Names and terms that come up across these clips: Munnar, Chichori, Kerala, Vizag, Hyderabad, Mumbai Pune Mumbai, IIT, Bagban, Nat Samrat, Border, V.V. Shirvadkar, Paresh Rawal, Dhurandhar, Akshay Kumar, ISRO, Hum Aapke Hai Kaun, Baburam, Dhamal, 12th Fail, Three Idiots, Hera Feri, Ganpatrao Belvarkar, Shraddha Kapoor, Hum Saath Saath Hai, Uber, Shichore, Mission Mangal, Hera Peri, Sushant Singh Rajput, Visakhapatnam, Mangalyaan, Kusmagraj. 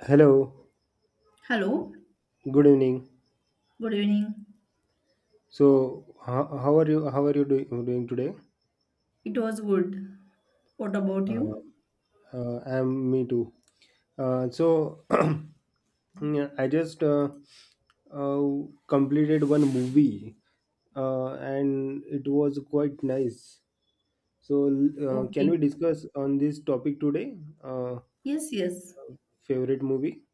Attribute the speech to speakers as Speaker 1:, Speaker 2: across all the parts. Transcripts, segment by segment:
Speaker 1: Hello,
Speaker 2: Hello,
Speaker 1: good evening.
Speaker 2: good evening.
Speaker 1: So, how are you? How are you doing today?
Speaker 2: It was good. What about
Speaker 1: Uh,
Speaker 2: you?
Speaker 1: I'm me too. Uh, so, yeah, I just uh, completed one movie, and it was quite nice. So, can we
Speaker 2: Okay.
Speaker 1: discuss on this topic today? Uh,
Speaker 2: Yes, yes.
Speaker 1: favorite movie?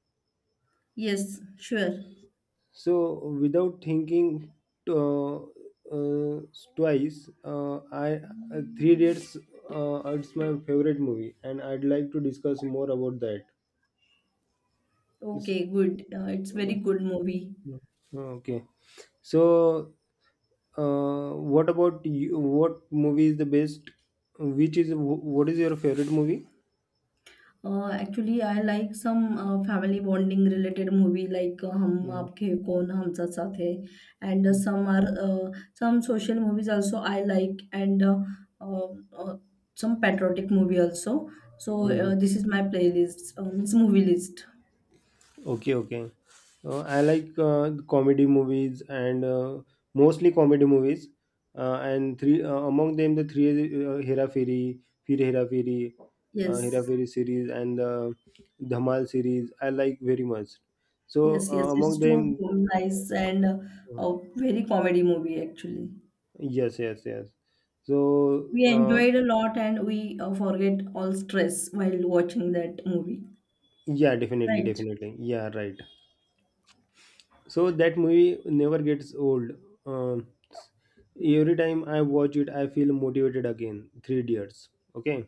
Speaker 2: Yes, sure.
Speaker 1: So without thinking uh, uh, twice, I Three Dates. It's my favorite movie, and I'd like to discuss more about that. S-
Speaker 2: Okay, good. It's very good movie.
Speaker 1: okay. So, what about you? What movie is the best? What is your favorite movie?
Speaker 2: Actually, I like some family bonding related movie like Hum Aapke Hai Kaun Hum Saath Saath Hai, and
Speaker 1: Mm-hmm.
Speaker 2: some social movies also I like, and uh, uh, some patriotic movie also. So this is my playlist, it's movie list.
Speaker 1: Okay, okay. I like comedy movies and mostly comedy movies. And three Among them, the three Hera Fairy, Fir Hera Fairy, Hera
Speaker 2: Yes.
Speaker 1: Fairy series, and the Dhamal series. I like very much. So
Speaker 2: Yes, yes, it's
Speaker 1: among
Speaker 2: too
Speaker 1: them,
Speaker 2: nice and a very comedy movie actually.
Speaker 1: yes, yes, yes. So
Speaker 2: We
Speaker 1: uh,
Speaker 2: enjoyed a lot and we forget all stress while watching that movie.
Speaker 1: yeah, definitely,
Speaker 2: Right.
Speaker 1: definitely. Yeah, right. So that movie never gets old. Um every time I watch it, I feel motivated again. Three Idiots. Okay.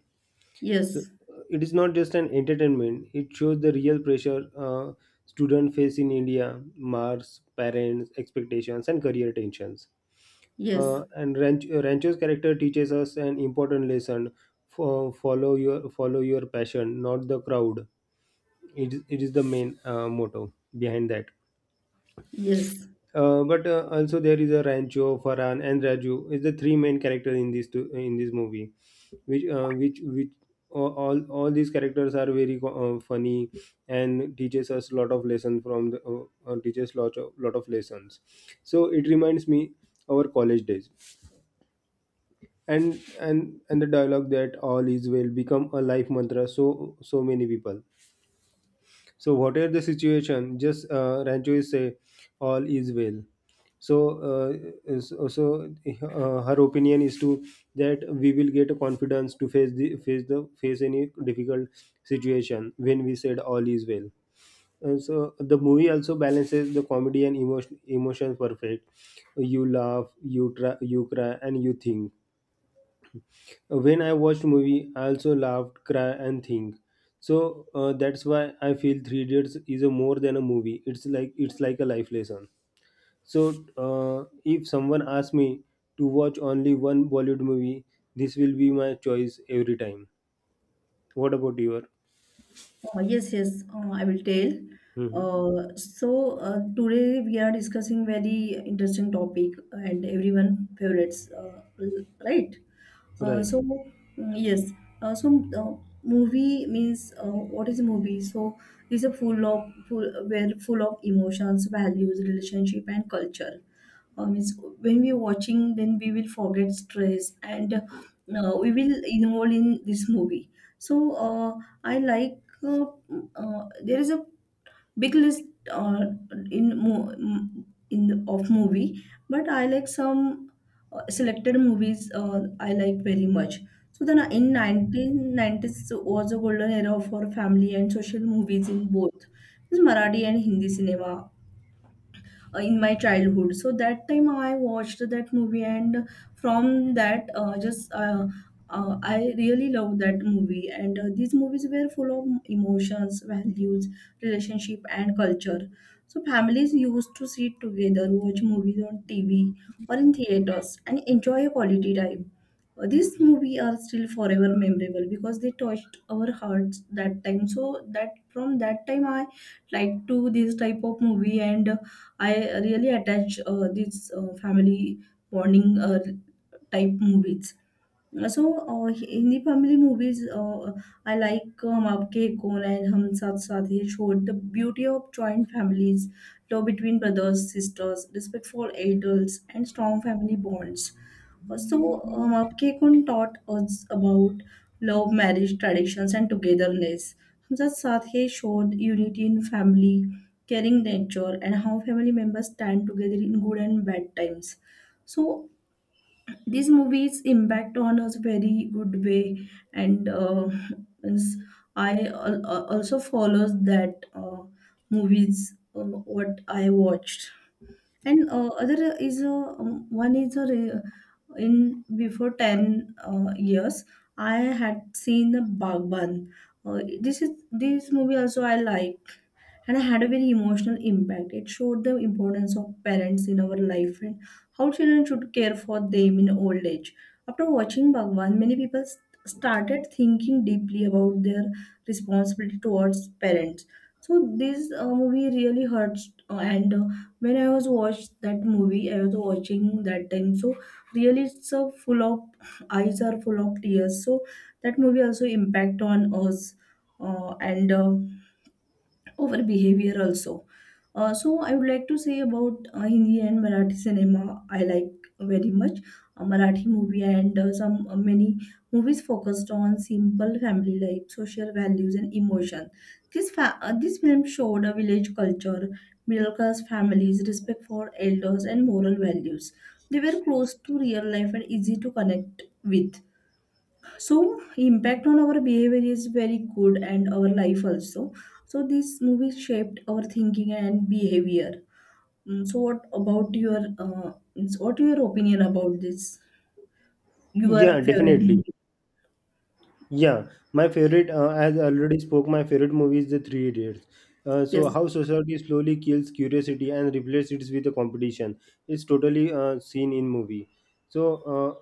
Speaker 1: So
Speaker 2: Yes,
Speaker 1: it is not just an entertainment, it shows the real pressure uh, students face in India: marks, parents' expectations, and career tensions.
Speaker 2: yes,
Speaker 1: And Rancho's character teaches us an important lesson, for follow your passion, not the crowd. It is the main motto behind that.
Speaker 2: yes.
Speaker 1: But also there is a Rancho, Farhan, and Raju is the three main characters in this two, in this movie, which all these characters are very funny and teaches us a lot of lesson from the teaches lot of lessons. So it reminds me our college days, and the dialogue that all is well become a life mantra so so many people. So whatever the situation, just Rancho is say, all is well. So her opinion is to that we will get a confidence to face the face the face any difficult situation when we said all is well. And so the movie also balances the comedy and emotions perfect. You laugh, you try, you cry, and you think. When I watched movie, I also laughed, cry, and think. So that's why I feel Three Idiots is a more than a movie. It's like a life lesson. So if someone asks me to watch only one Bollywood movie, this will be my choice every time. What about your?
Speaker 2: Yes, yes, I will tell.
Speaker 1: Mhm.
Speaker 2: Today we are discussing very interesting topic and everyone favorites, right? Uh,
Speaker 1: Right.
Speaker 2: so mm, yes, uh, so uh, movie means what is movie? So it's a full of full where full of emotions, values, relationship, and culture. Means when we're watching, then we will forget stress and we will involve in this movie. So I like. There is a big list uh, in mo- m- in the, of movie, but I like some selected movies I like very much. So then in 1990s was a golden era for family and social movies in both Marathi and Hindi cinema in my childhood. So that time I watched that movie, and from that just I really loved that movie and these movies were full of emotions, values, relationship, and culture. So families used to sit together, watch movies on tv or in theaters and enjoy a quality time. These movies are still forever memorable because they touched our hearts that time. So that from that time I like to this type of movie, and I really attach these family bonding type movies. Hindi family movies, I like Aapke Hai Kaun and Hum Saath Saath Hai showed the beauty of joint families, love between brothers, sisters, respectful adults, and strong family bonds. Uh, So, Aapke Hai Kaun taught us about love, marriage, traditions, and togetherness. Hum Saath Saath Hai showed unity in family, caring nature, and how family members stand together in good and bad times. So, these movies impact on us very good way, and means I also follows that movies what I watched, and other is one is a re- in before 10 years I had seen the Bagban. This movie also I like, and I had a very emotional impact. It showed the importance of parents in our life and how children should care for them in old age. After watching Bhagwan, many people started thinking deeply about their responsibility towards parents. So this movie really hurts, and when I was watched that movie, I was watching that time. So really, it's a full of eyes are full of tears. So that movie also impact on us, and over behavior also. So I would like to say about Hindi and Marathi cinema. I like very much Marathi movie, and some many movies focused on simple family life, social values, and emotion. This film showed a village culture, middle class families, respect for elders, and moral values. They were close to real life and easy to connect with, so impact on our behavior is very good, and our life also. So this movie shaped our thinking and behavior. So what about your, means what your opinion about this, your
Speaker 1: Yeah,
Speaker 2: favorite
Speaker 1: definitely.
Speaker 2: movie?
Speaker 1: Yeah, my favorite, as I already spoke, my favorite movie is The Three Idiots. So,
Speaker 2: Yes.
Speaker 1: how society slowly kills curiosity and replaces it with a competition. It's totally seen in movie. So, uh,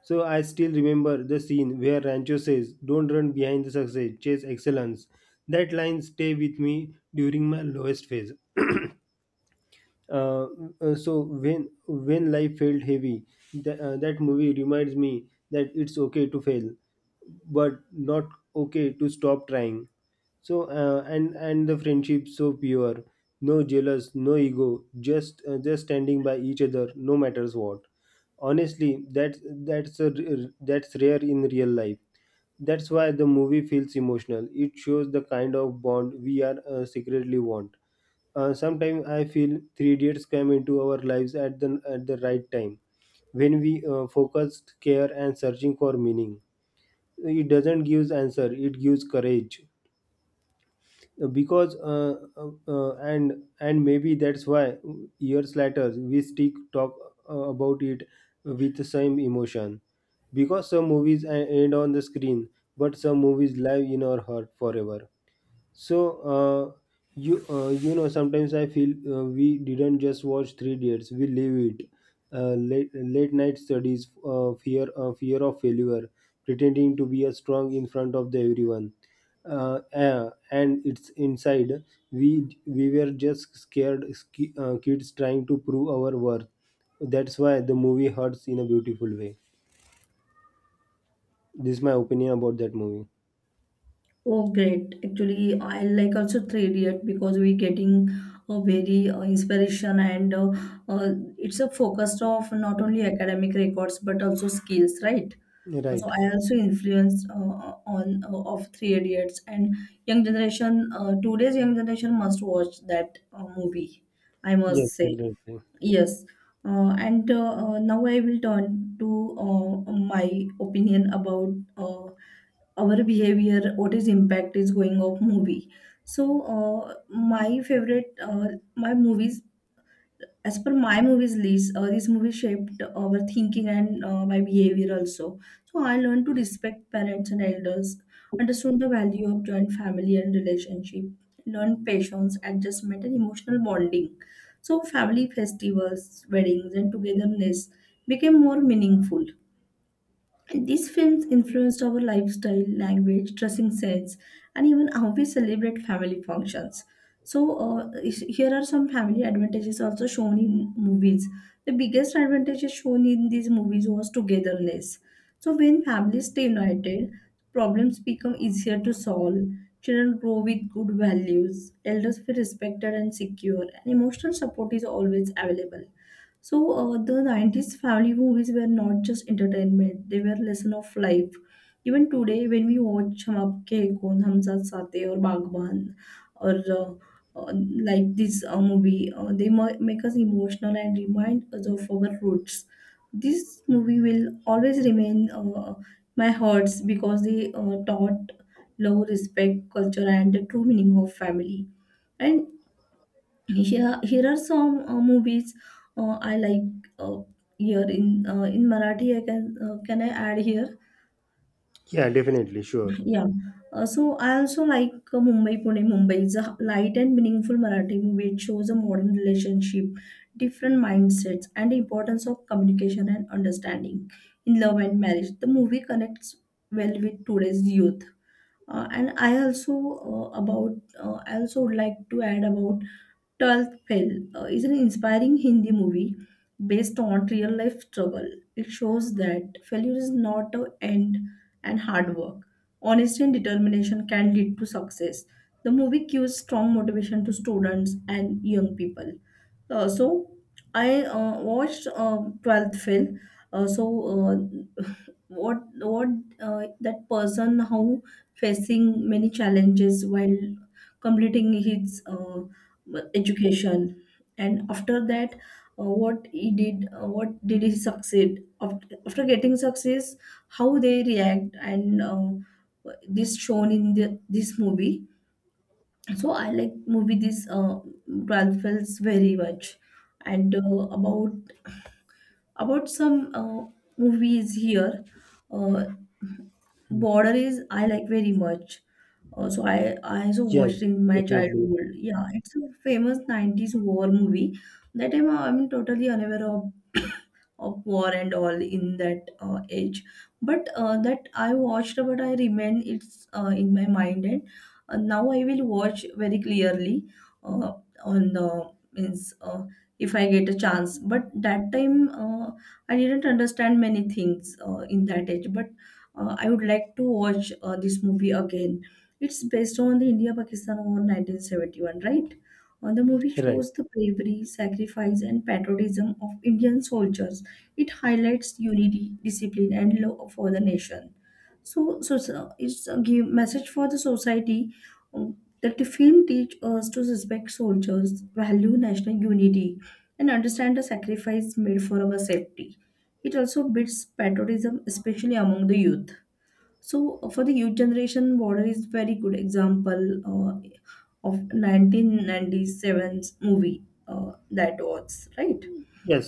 Speaker 1: so I still remember the scene where Rancho says, "Don't run behind the success, chase excellence." That line stay with me during my lowest phase. uh, when life felt heavy, that movie reminds me that it's okay to fail, but not okay to stop trying. So and the friendship so pure, no jealous, no ego, just standing by each other no matters what. Honestly, that's rare in real life. That's why the movie feels emotional, it shows the kind of bond we are secretly want. Uh, sometimes I feel Three Idiots come into our lives at the right time when we focused care and searching for meaning. It doesn't gives answer; it gives courage. Because and maybe that's why years later we still talk about it with the same emotion. Because some movies end on the screen, but some movies live in our heart forever. So you know sometimes I feel we didn't just watch Three Dates, we live it. Late night studies, fear of failure, pretending to be a strong in front of the everyone, and it's inside we were just kids trying to prove our worth. That's why the movie hurts in a beautiful way. This is my opinion about that movie.
Speaker 2: Oh, great. Actually, I like also Three Idiot because we getting a very inspiration, and uh, it's a focus of not only academic records but also skills, right? So
Speaker 1: Right.
Speaker 2: I also influenced on of Three Idiots and young generation. Today's young generation must watch that movie. I must
Speaker 1: Yes.
Speaker 2: say
Speaker 1: Right.
Speaker 2: yes. And Now I will turn to my opinion about our behavior, what is impact is going of movie. So my movies as per my movies list, this movie shaped our thinking and my behavior also. So I learned to respect parents and elders, understood the value of joint family and relationship, learned patience, adjustment, and emotional bonding. So family festivals, weddings, and togetherness became more meaningful, and these films influenced our lifestyle, language, dressing sense, and even how we celebrate family functions. So, here are some family advantages also shown in movies. The biggest advantages shown in these movies was togetherness. So, when families stay united, problems become easier to solve. Children grow with good values, elders feel respected and secure, and emotional support is always available. So the 90s family movies were not just entertainment, they were lesson of life. Even today, when we watch Hum Aapke Hain Kaun, Hum Saath Saath Hain, or Bagban, or uh, like this movie, they make us emotional and remind us of our roots. This movie will always remain my hearts because they taught love, respect, culture, and the true meaning of family. And here are some movies I like uh, here in Marathi. I can Can I add here?
Speaker 1: Yeah. Definitely. Sure.
Speaker 2: Yeah. So I also like Mumbai Pune. Mumbai is a light and meaningful Marathi movie. It shows a modern relationship, different mindsets, and the importance of communication and understanding in love and marriage. The movie connects well with today's youth. And I also about I also would like to add about 12th fail, is an inspiring hindi movie based on real life struggle. It shows that failure is not an end, and hard work, honesty, and determination can lead to success. The movie gives strong motivation to students and young people. So I watched 12th fail. So uh, what That person how facing many challenges while completing his education, and after that, what he did, what did he succeed, after getting success, how they react. And this shown in this movie. So I like movie this 12 films very much, and about some movies here. uh, Border is I like very much. So I also watched
Speaker 1: Yes,
Speaker 2: in my
Speaker 1: definitely.
Speaker 2: childhood. Yeah, it's a famous 90s war movie. That time I'm totally unaware of war and all in that age, but that I watched, but I remain it's in my mind, and now I will watch very clearly, uh, on the means if I get a chance. But that time I didn't understand many things in that age, but I would like to watch this movie again. It's based on the India Pakistan war 1971, right? The movie
Speaker 1: Right.
Speaker 2: shows the bravery, sacrifice, and patriotism of Indian soldiers. It highlights unity, discipline, and love for the nation. So it's a give message for the society, that the film teach us to respect soldiers, value national unity, and understand the sacrifice made for our safety. It also builds patriotism, especially among the youth. So for the youth generation, Border is very good example of 1997's movie that was right.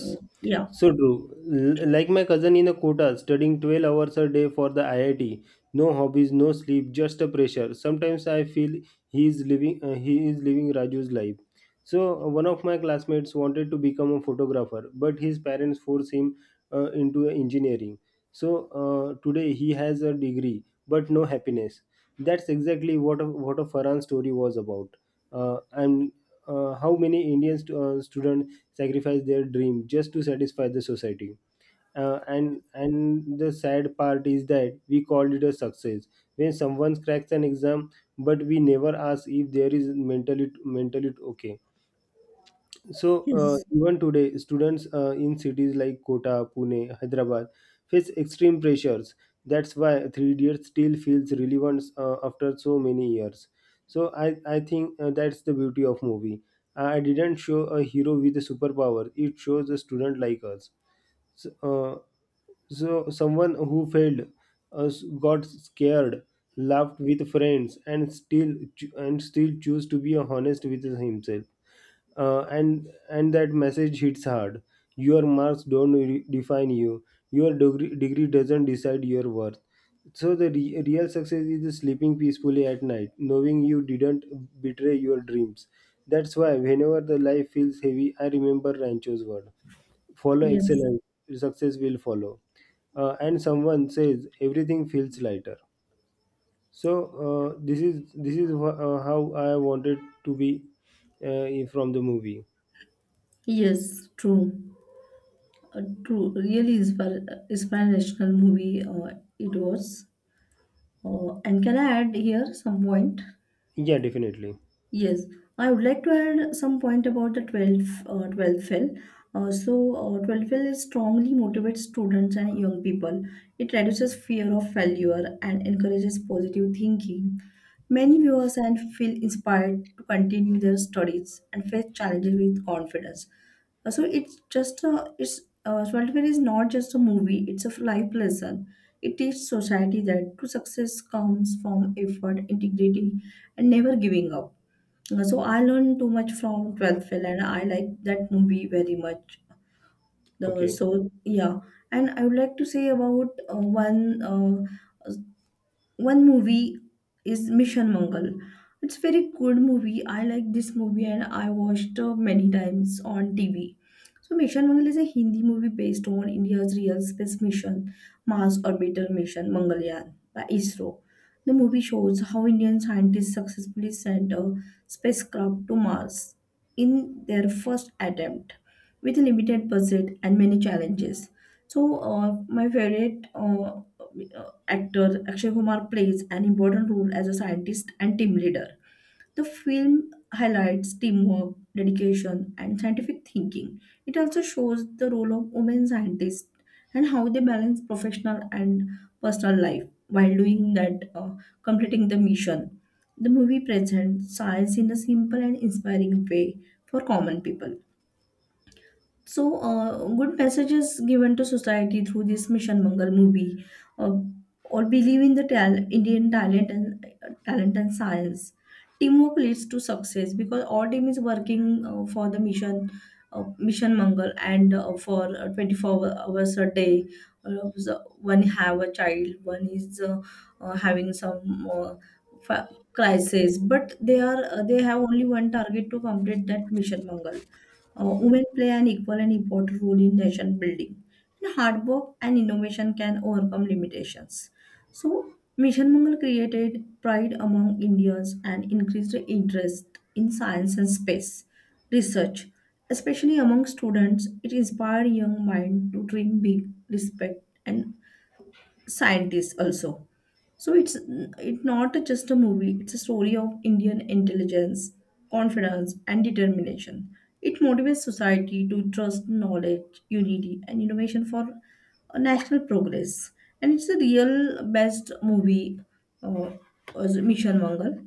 Speaker 2: Uh, yeah.
Speaker 1: So true. Like my cousin in a quota, studying 12 hours a day for the IIT. No hobbies, no sleep, just a pressure. Sometimes I feel he is living Raju's life. So one of my classmates wanted to become a photographer, but his parents forced him into engineering. So today he has a degree, but no happiness. That's exactly what a Farhan story was about. And how many Indian students sacrifice their dream just to satisfy the society. And the sad part is that we called it a success when someone cracks an exam, but we never ask if there is mentally okay. So
Speaker 2: Yes.
Speaker 1: even today, students in cities like Kota, Pune, Hyderabad face extreme pressures. That's why Three Idiots still feels relevant after so many years. So I think that's the beauty of movie. I didn't show a hero with a superpower. It shows a student like us. So, someone who failed, uh, got scared, laughed with friends, and still choose to be honest with himself. And that message hits hard. Your marks don't define you. Your degree doesn't decide your worth. So the real success is sleeping peacefully at night knowing you didn't betray your dreams. That's why whenever the life feels heavy, I remember Rancho's word: follow
Speaker 2: Yes,
Speaker 1: excellence, success will follow. Uh, and someone says everything feels lighter. So this is how I wanted to be from the movie.
Speaker 2: yes, true, true. Really inspirational movie it was. And can I add here some point?
Speaker 1: Yeah, definitely.
Speaker 2: Yes, I would like to add some point about the 12th 12 fail. Uh, so, 12 fail is strongly motivates students and young people. It reduces fear of failure and encourages positive thinking. Many viewers and feel inspired to continue their studies and face challenges with confidence. So it's just a it's 12th Fair is not just a movie; it's a life lesson. It teaches society that true success comes from effort, integrity, and never giving up. So I learned too much from 12th Fail and I like that movie very much. The
Speaker 1: Okay.
Speaker 2: so yeah, and I would like to say about one movie is Mission Mangal. It's very good movie. I like this movie and I watched many times on TV. So Mission Mangal is a Hindi movie based on India's real space mission, Mars orbital mission Mangalyaan by ISRO. The movie shows how Indian scientists successfully sent a spacecraft to Mars in their first attempt with a limited budget and many challenges. So, my favorite actor Akshay Kumar plays an important role as a scientist and team leader. The film highlights teamwork, dedication, and scientific thinking. It also shows the role of women scientists and how they balance professional and personal life while doing that, completing the mission. The movie presents science in a simple and inspiring way for common people. Good messages given to society through this Mission Mangal movie, uh, or believe in the Indian talent and talent and science. Teamwork leads to success because all team is working for the mission, Mission Mangal, and for 24 hours a day. So one have a child, one is having some crisis, but they are they have only one target to complete that Mission Mangal. Women play an equal and important role in nation building. And hard work and innovation can overcome limitations. So, Mission Mangal created pride among Indians and increased the interest in science and space research, especially among students. It inspired young minds to dream big, respect, and scientists also. So it's it not a- just a movie, it's a story of Indian intelligence, confidence and determination. It motivates society to trust knowledge, unity and innovation for a national progress. And it's the real best movie uh, as Mission Mangal.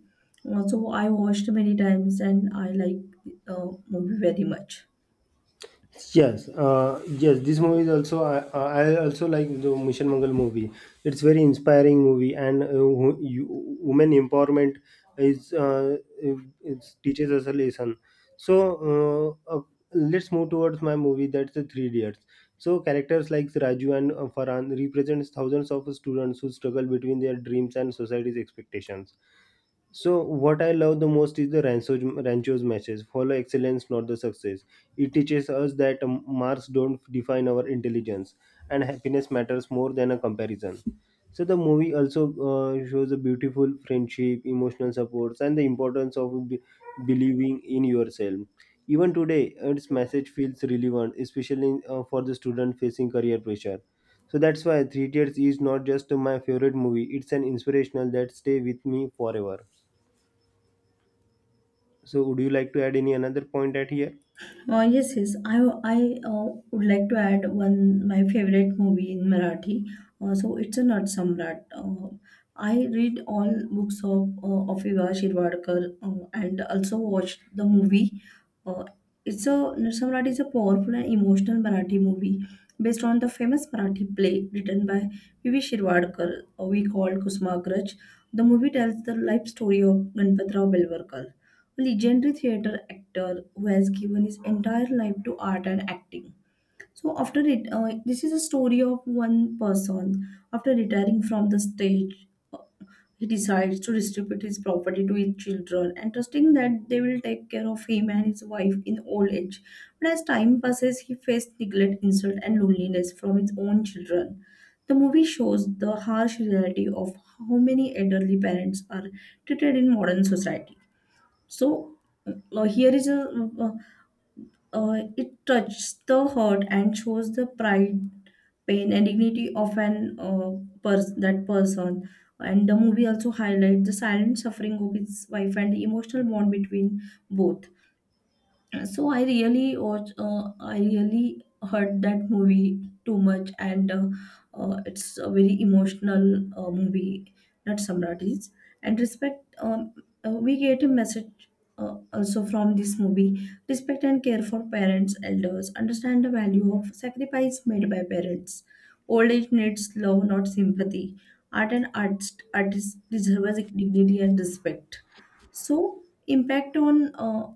Speaker 2: So I watched many times and I like movie very much.
Speaker 1: Yes. Yes. This movie is also I also like the Mission Mangal movie. It's very inspiring movie, and you, women empowerment is it it teaches us a lesson. So uh, uh, let's move towards my movie. That's the Three Idiots. So characters like Raju and Farhan represents thousands of students who struggle between their dreams and society's expectations. So what I love the most is the Rancho's message: follow excellence, not the success. It teaches us that marks don't define our intelligence, and happiness matters more than a comparison. So the movie also shows a beautiful friendship, emotional supports, and the importance of believing in yourself. Even today, its message feels relevant, especially for the student facing career pressure. So that's why Three Tears is not just my favorite movie; it's an inspirational that stay with me forever. So, would you like to add any another point at here?
Speaker 2: Yes, yes. I would like to add one my favorite movie in Marathi. So it's a Nat Samrat. I read all books of Viva Shirvadkar and also watched the movie. Uh, it's a Nat Samrat is a powerful and emotional Marathi movie based on the famous Marathi play written by V.V. Shirvadkar, we call Kusmagraj. The movie tells the life story of Ganpatrao Belvarkar, legendary theater actor who has given his entire life to art and acting. So after it, this is a story of one person. After retiring from the stage, he decides to distribute his property to his children and trusting that they will take care of him and his wife in old age. But as time passes, he faced neglect, insult, and loneliness from his own children. The movie shows the harsh reality of how many elderly parents are treated in modern society. So here is a uh, it touches the heart and shows the pride, pain, and dignity of that person. And the movie also highlights the silent suffering of his wife and the emotional bond between both. So I really watch I really heard that movie too much, and it's a very emotional movie, not Samratis, and respect. We get a message, also from this movie, respect and care for parents elders, understand the value of sacrifice made by parents, old age needs love not sympathy, art and arts artists deserve dignity and respect. So impact on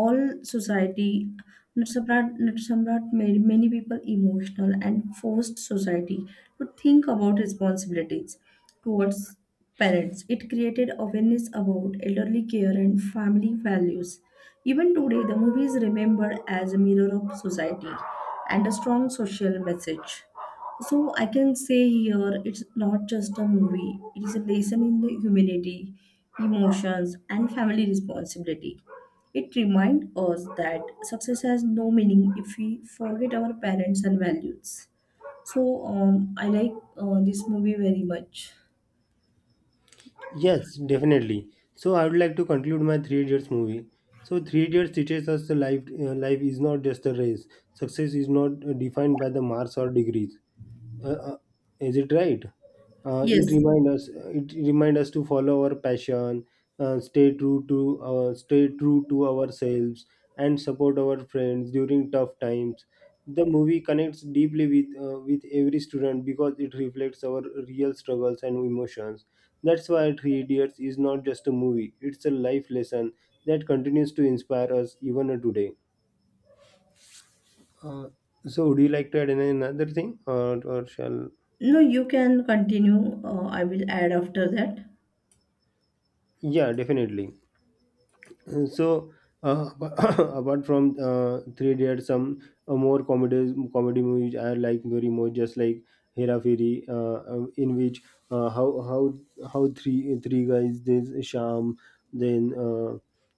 Speaker 2: all society. Natsaprat, Natsaprat made many people emotional and forced society to think about responsibilities towards parents. It created awareness about elderly care and family values. Even today, the movie is remembered as a mirror of society and a strong social message. So I can say here it's not just a movie, it is a lesson in the humanity, emotions, and family responsibility. It reminds us that success has no meaning if we forget our parents and values. So I like this movie very much.
Speaker 1: Yes, definitely. So I would like to conclude my Three Idiots movie. So Three Idiots teaches us the life. Life is not just a race. Success is not defined by the marks or degrees. Uh, uh, is it right? It
Speaker 2: Yes.
Speaker 1: remind us. It remind us to follow our passion, stay true to ourselves, and support our friends during tough times. The movie connects deeply with every student because it reflects our real struggles and emotions. That's why Three Idiots is not just a movie; it's a life lesson that continues to inspire us even today. Uh, so, would you like to add any another thing, or shall?
Speaker 2: No, you can continue. I will add after that.
Speaker 1: Yeah, definitely. So apart from Three Idiots, some more comedies comedy movies I like very much, just like Hera Feri, in which uh, how how how three guys, there's Sham, then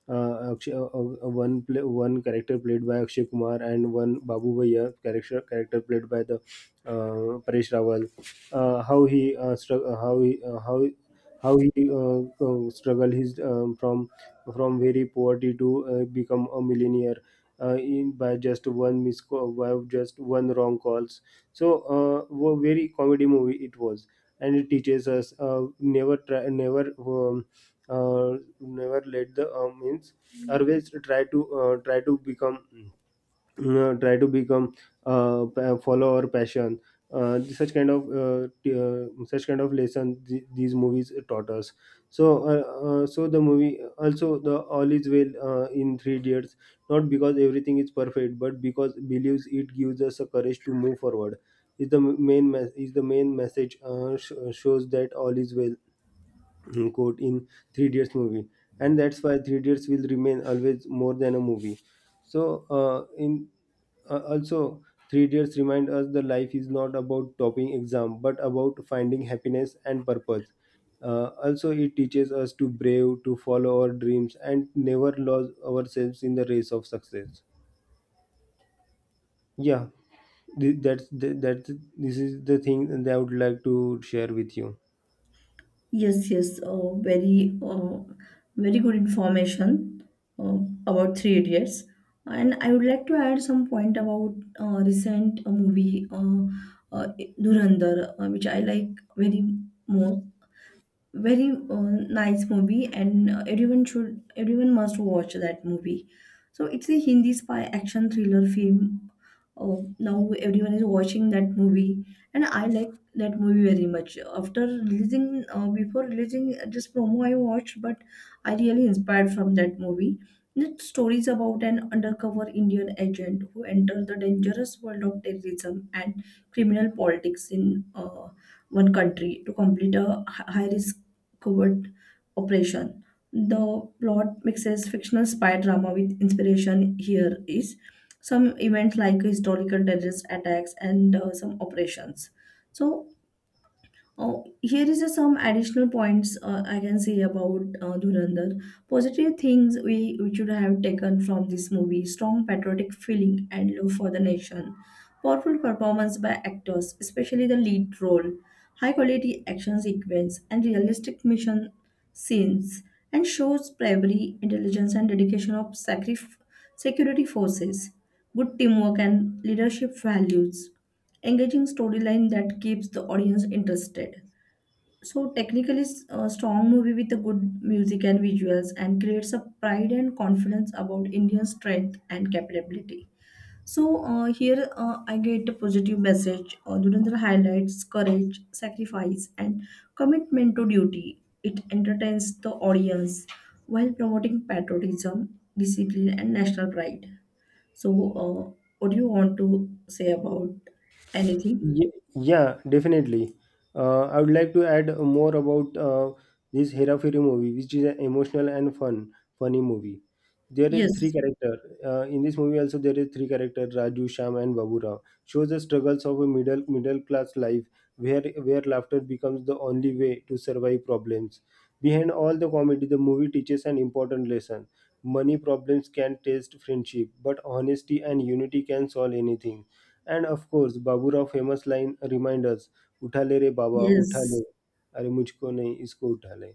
Speaker 1: Akshay, one play, one character played by Akshay Kumar and one Babu Bhaiya character played by the Paresh Rawal. How he strugg- how he struggled his from very poverty to become a millionaire in by just one miss call, by just one wrong calls. So very comedy movie it was, and it teaches us never try, never never let the means always try to try to become follow our passion. Such kind of such kind of lesson these movies taught us. So so the movie also the all is well in 3 years not because everything is perfect but because believes it gives us a courage to move forward is the main message shows that all is well, quote in Three Idiots movie, and that's why Three Idiots will remain always more than a movie. So in also, Three Idiots remind us that life is not about topping exam, but about finding happiness and purpose. Also, it teaches us to brave, to follow our dreams, and never lose ourselves in the race of success. Yeah, th- that's this is the thing that I would like to share with you.
Speaker 2: Yes, yes, very good information uh, about Three Idiots. And I would like to add some point about recent movie uh, Dhurandhar, which I like very more. Very nice movie, and everyone must watch that movie. So it's a Hindi spy action thriller film. Oh, now everyone is watching that movie, and I like that movie very much. After releasing before releasing this promo I watched, but I really inspired from that movie. The story is about an undercover Indian agent who enters the dangerous world of terrorism and criminal politics in one country to complete a high risk covert operation. The plot mixes fictional spy drama with inspiration. Here is some events like historical terrorist attacks and some operations. So here is a some additional points I can say about Dhurandhar. Positive things we should have taken from this movie: strong patriotic feeling and love for the nation, powerful performance by actors, especially the lead role, high quality action sequence, and realistic mission scenes, and shows bravery, intelligence, and dedication of security forces, good teamwork, and leadership values. Engaging storyline that keeps the audience interested. So, technically, a strong movie with a good music and visuals and creates a pride and confidence about Indian strength and capability. So here I get a positive message. Dhurandhar highlights courage, sacrifice, and commitment to duty. It entertains the audience while promoting patriotism, discipline, and national pride. So, what do you want to say about anything?
Speaker 1: Yeah, definitely. I would like to add more about this Hera Fairy movie, which is an emotional and funny movie. There is
Speaker 2: Yes,
Speaker 1: three character in this movie. Also, there is three character: Raju, Sham, and Babura. Shows the struggles of a middle class life, where laughter becomes the only way to survive problems. Behind all the comedy, the movie teaches an important lesson: money problems can test friendship, but honesty and unity can solve anything, and of course, Baburao famous line reminders, Uthale re Baba,
Speaker 2: yes,
Speaker 1: Uthale, Are mujhko nahi, isko uthale.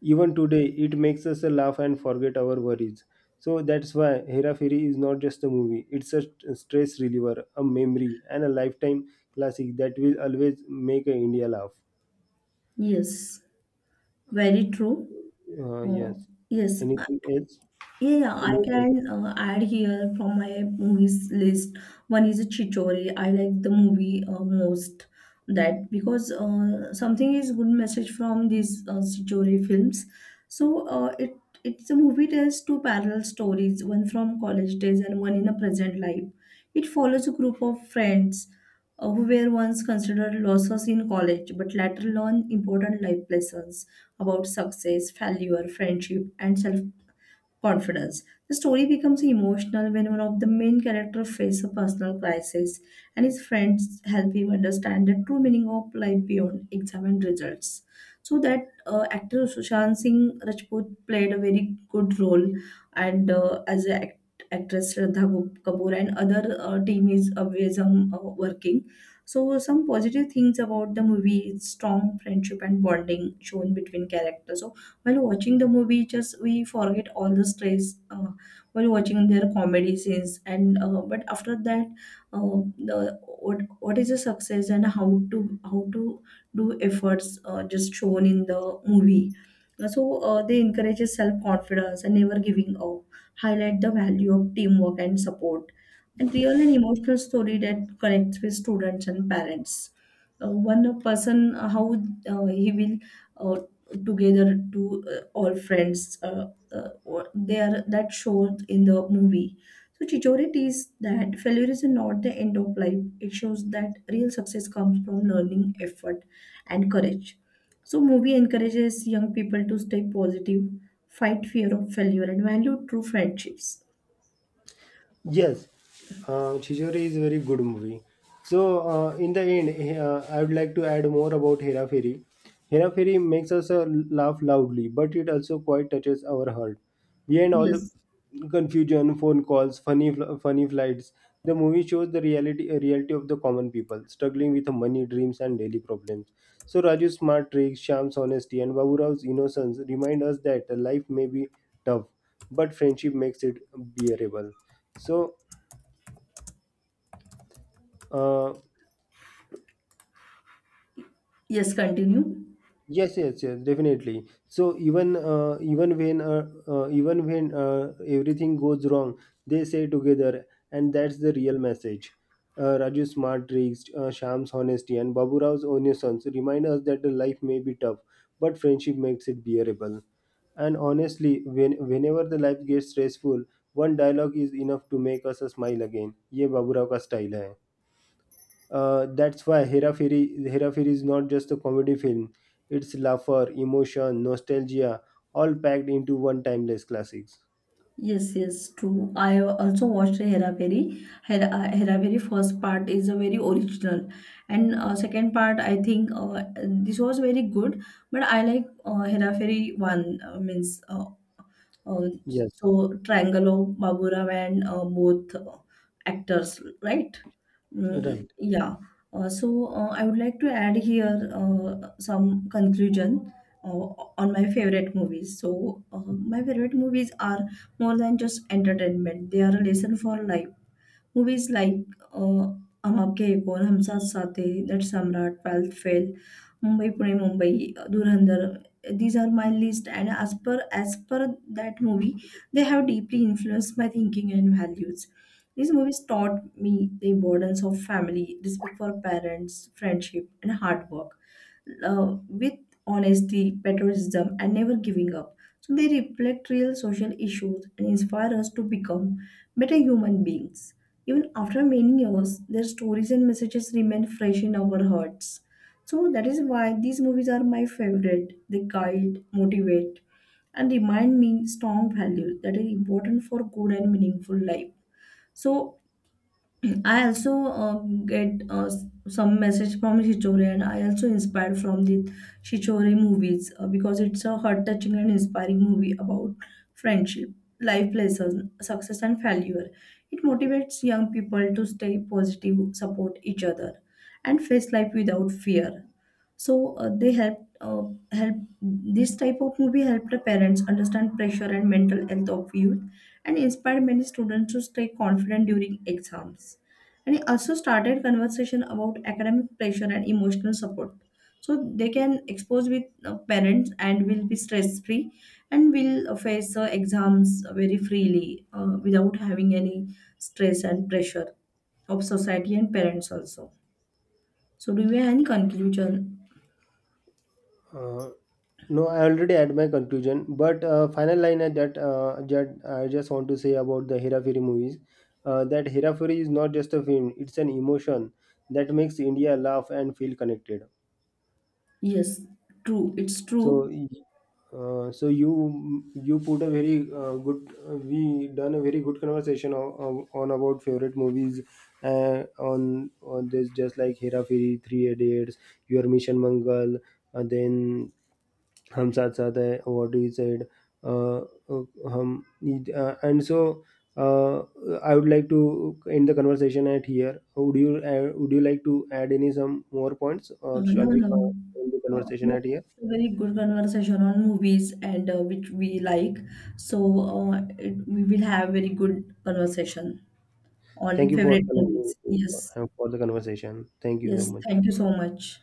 Speaker 1: Even today, it makes us laugh and forget our worries. So that's why Hera Fairy is not just a movie, it's a stress reliever, a memory, and a lifetime classic that will always make India laugh.
Speaker 2: yes. Very true. Uh,
Speaker 1: Yes.
Speaker 2: yes, I
Speaker 1: Anything else?
Speaker 2: Yeah, yeah, I
Speaker 1: Yes.
Speaker 2: can add here from my movies list. One is a Chichori. I like the movie most that, because something is good message from these Chichori films. So it's a movie tells two parallel stories, one from college days and one in a present life. It follows a group of friends who were once considered losses in college but later learn important life lessons about success, failure, friendship, and self confidence. The story becomes emotional when one of the main characters faces a personal crisis and his friends help him understand the true meaning of life beyond exam and results. So that actor Sushant Singh Rajput played a very good role, and as an actress Shraddha Kapoor and other team is always working. So some positive things about the movie is strong friendship and bonding shown between characters. So while watching the movie, just we forget all the stress while watching their comedy scenes. And but after that, uh, the what is a success and how to do efforts just shown in the movie. So they encourage self confidence and never giving up. Highlight the value of teamwork and support and real and emotional story that connects with students and parents. One person, how he will uh, together to all friends or there that showed in the movie. So Chichori is that failure is not the end of life, it shows that real success comes from learning effort and courage. So movie encourages young people to stay positive, fight fear of failure and value true friendships.
Speaker 1: Yes, Chijori is a very good movie. So, in the end, I would like to add more about Hera Fairy. Hera Fairy makes us laugh loudly, but it also quite touches our heart. Behind all the
Speaker 2: Yes.
Speaker 1: confusion, phone calls, funny flights, the movie shows the reality of the common people struggling with money, dreams, and daily problems. So, Raju's smart tricks, Sham's honesty, and Babu Rao's innocence remind us that life may be tough, but friendship makes it bearable. So uh,
Speaker 2: Yes, continue.
Speaker 1: yes, definitely. So even when everything goes wrong, they say together, and that's the real message. Raju's smart tricks, Sham's honesty, and Babu Rao's innocence remind us that the life may be tough, but friendship makes it bearable. And honestly, whenever the life gets stressful, one dialogue is enough to make us a smile again. ये बाबूराव का style है. That's why Hera Fairy is not just a comedy film. It's laughter, emotion, nostalgia, all packed into one timeless classics.
Speaker 2: Yes, yes, true. I also watched Hera Peri. Hera Peri first part is a very original, and second part I think this was very good. But I like Hera Peri one, means uh,
Speaker 1: Yes,
Speaker 2: so Triangle of Baburam and both actors, right? Mm,
Speaker 1: right.
Speaker 2: yeah. So I would like to add here some conclusion uh, on my favorite movies. So my favorite movies are more than just entertainment; they are a lesson for life. Movies like uh, Hum Aapke Hai Kaun, Hum Saath Saath Hai, That Samrat, 12th Fail, Mumbai Pune Mumbai, Dhurandhar. These are my list, and as per that movie, they have deeply influenced my thinking and values. These movies taught me the importance of family, respect for parents, friendship, and hard work, with honesty, patriotism, and never giving up. So they reflect real social issues and inspire us to become better human beings. Even after many years, their stories and messages remain fresh in our hearts. So that is why these movies are my favorite. They guide, motivate, and remind me strong values that are important for good and meaningful life. So I also uh, get some message from Shichore, and I also inspired from the Shichore movies because it's a heart-touching and inspiring movie about friendship, life lessons, success, and failure. It motivates young people to stay positive, support each other, and face life without fear. So they helped help this type of movie helped the parents understand pressure and mental health of youth and inspired many students to stay confident during exams. And it also started conversation about academic pressure and emotional support. So they can expose with parents and will be stress free and will face exams very freely without having any stress and pressure of society and parents also. So do we have any conclusion?
Speaker 1: Uh, no, I already had my conclusion, but final line at that that I just want to say about the Hera Fairy movies, that Hera Fairy is not just a film; it's an emotion that makes India laugh and feel connected.
Speaker 2: Yes, true. It's true.
Speaker 1: So, you put a very good. We done a very good conversation on about favorite movies, on this, just like Hera Feri, Three Idiots, Your Mission Mangal, and then Hum Saath Saath Hai, what you said, uh, uh, hum, and so. Uh, I would like to end the conversation at here. Would you like to add any some more points,
Speaker 2: Uh,
Speaker 1: or
Speaker 2: no,
Speaker 1: shall we
Speaker 2: no.
Speaker 1: end the
Speaker 2: Uh,
Speaker 1: conversation
Speaker 2: No.
Speaker 1: at here?
Speaker 2: It's a very good conversation on movies and which we like. So we will have very good conversation
Speaker 1: Thank
Speaker 2: on
Speaker 1: you for
Speaker 2: favorite movies. Yes.
Speaker 1: for the conversation. Thank you so
Speaker 2: Yes.
Speaker 1: much.
Speaker 2: Thank you so much.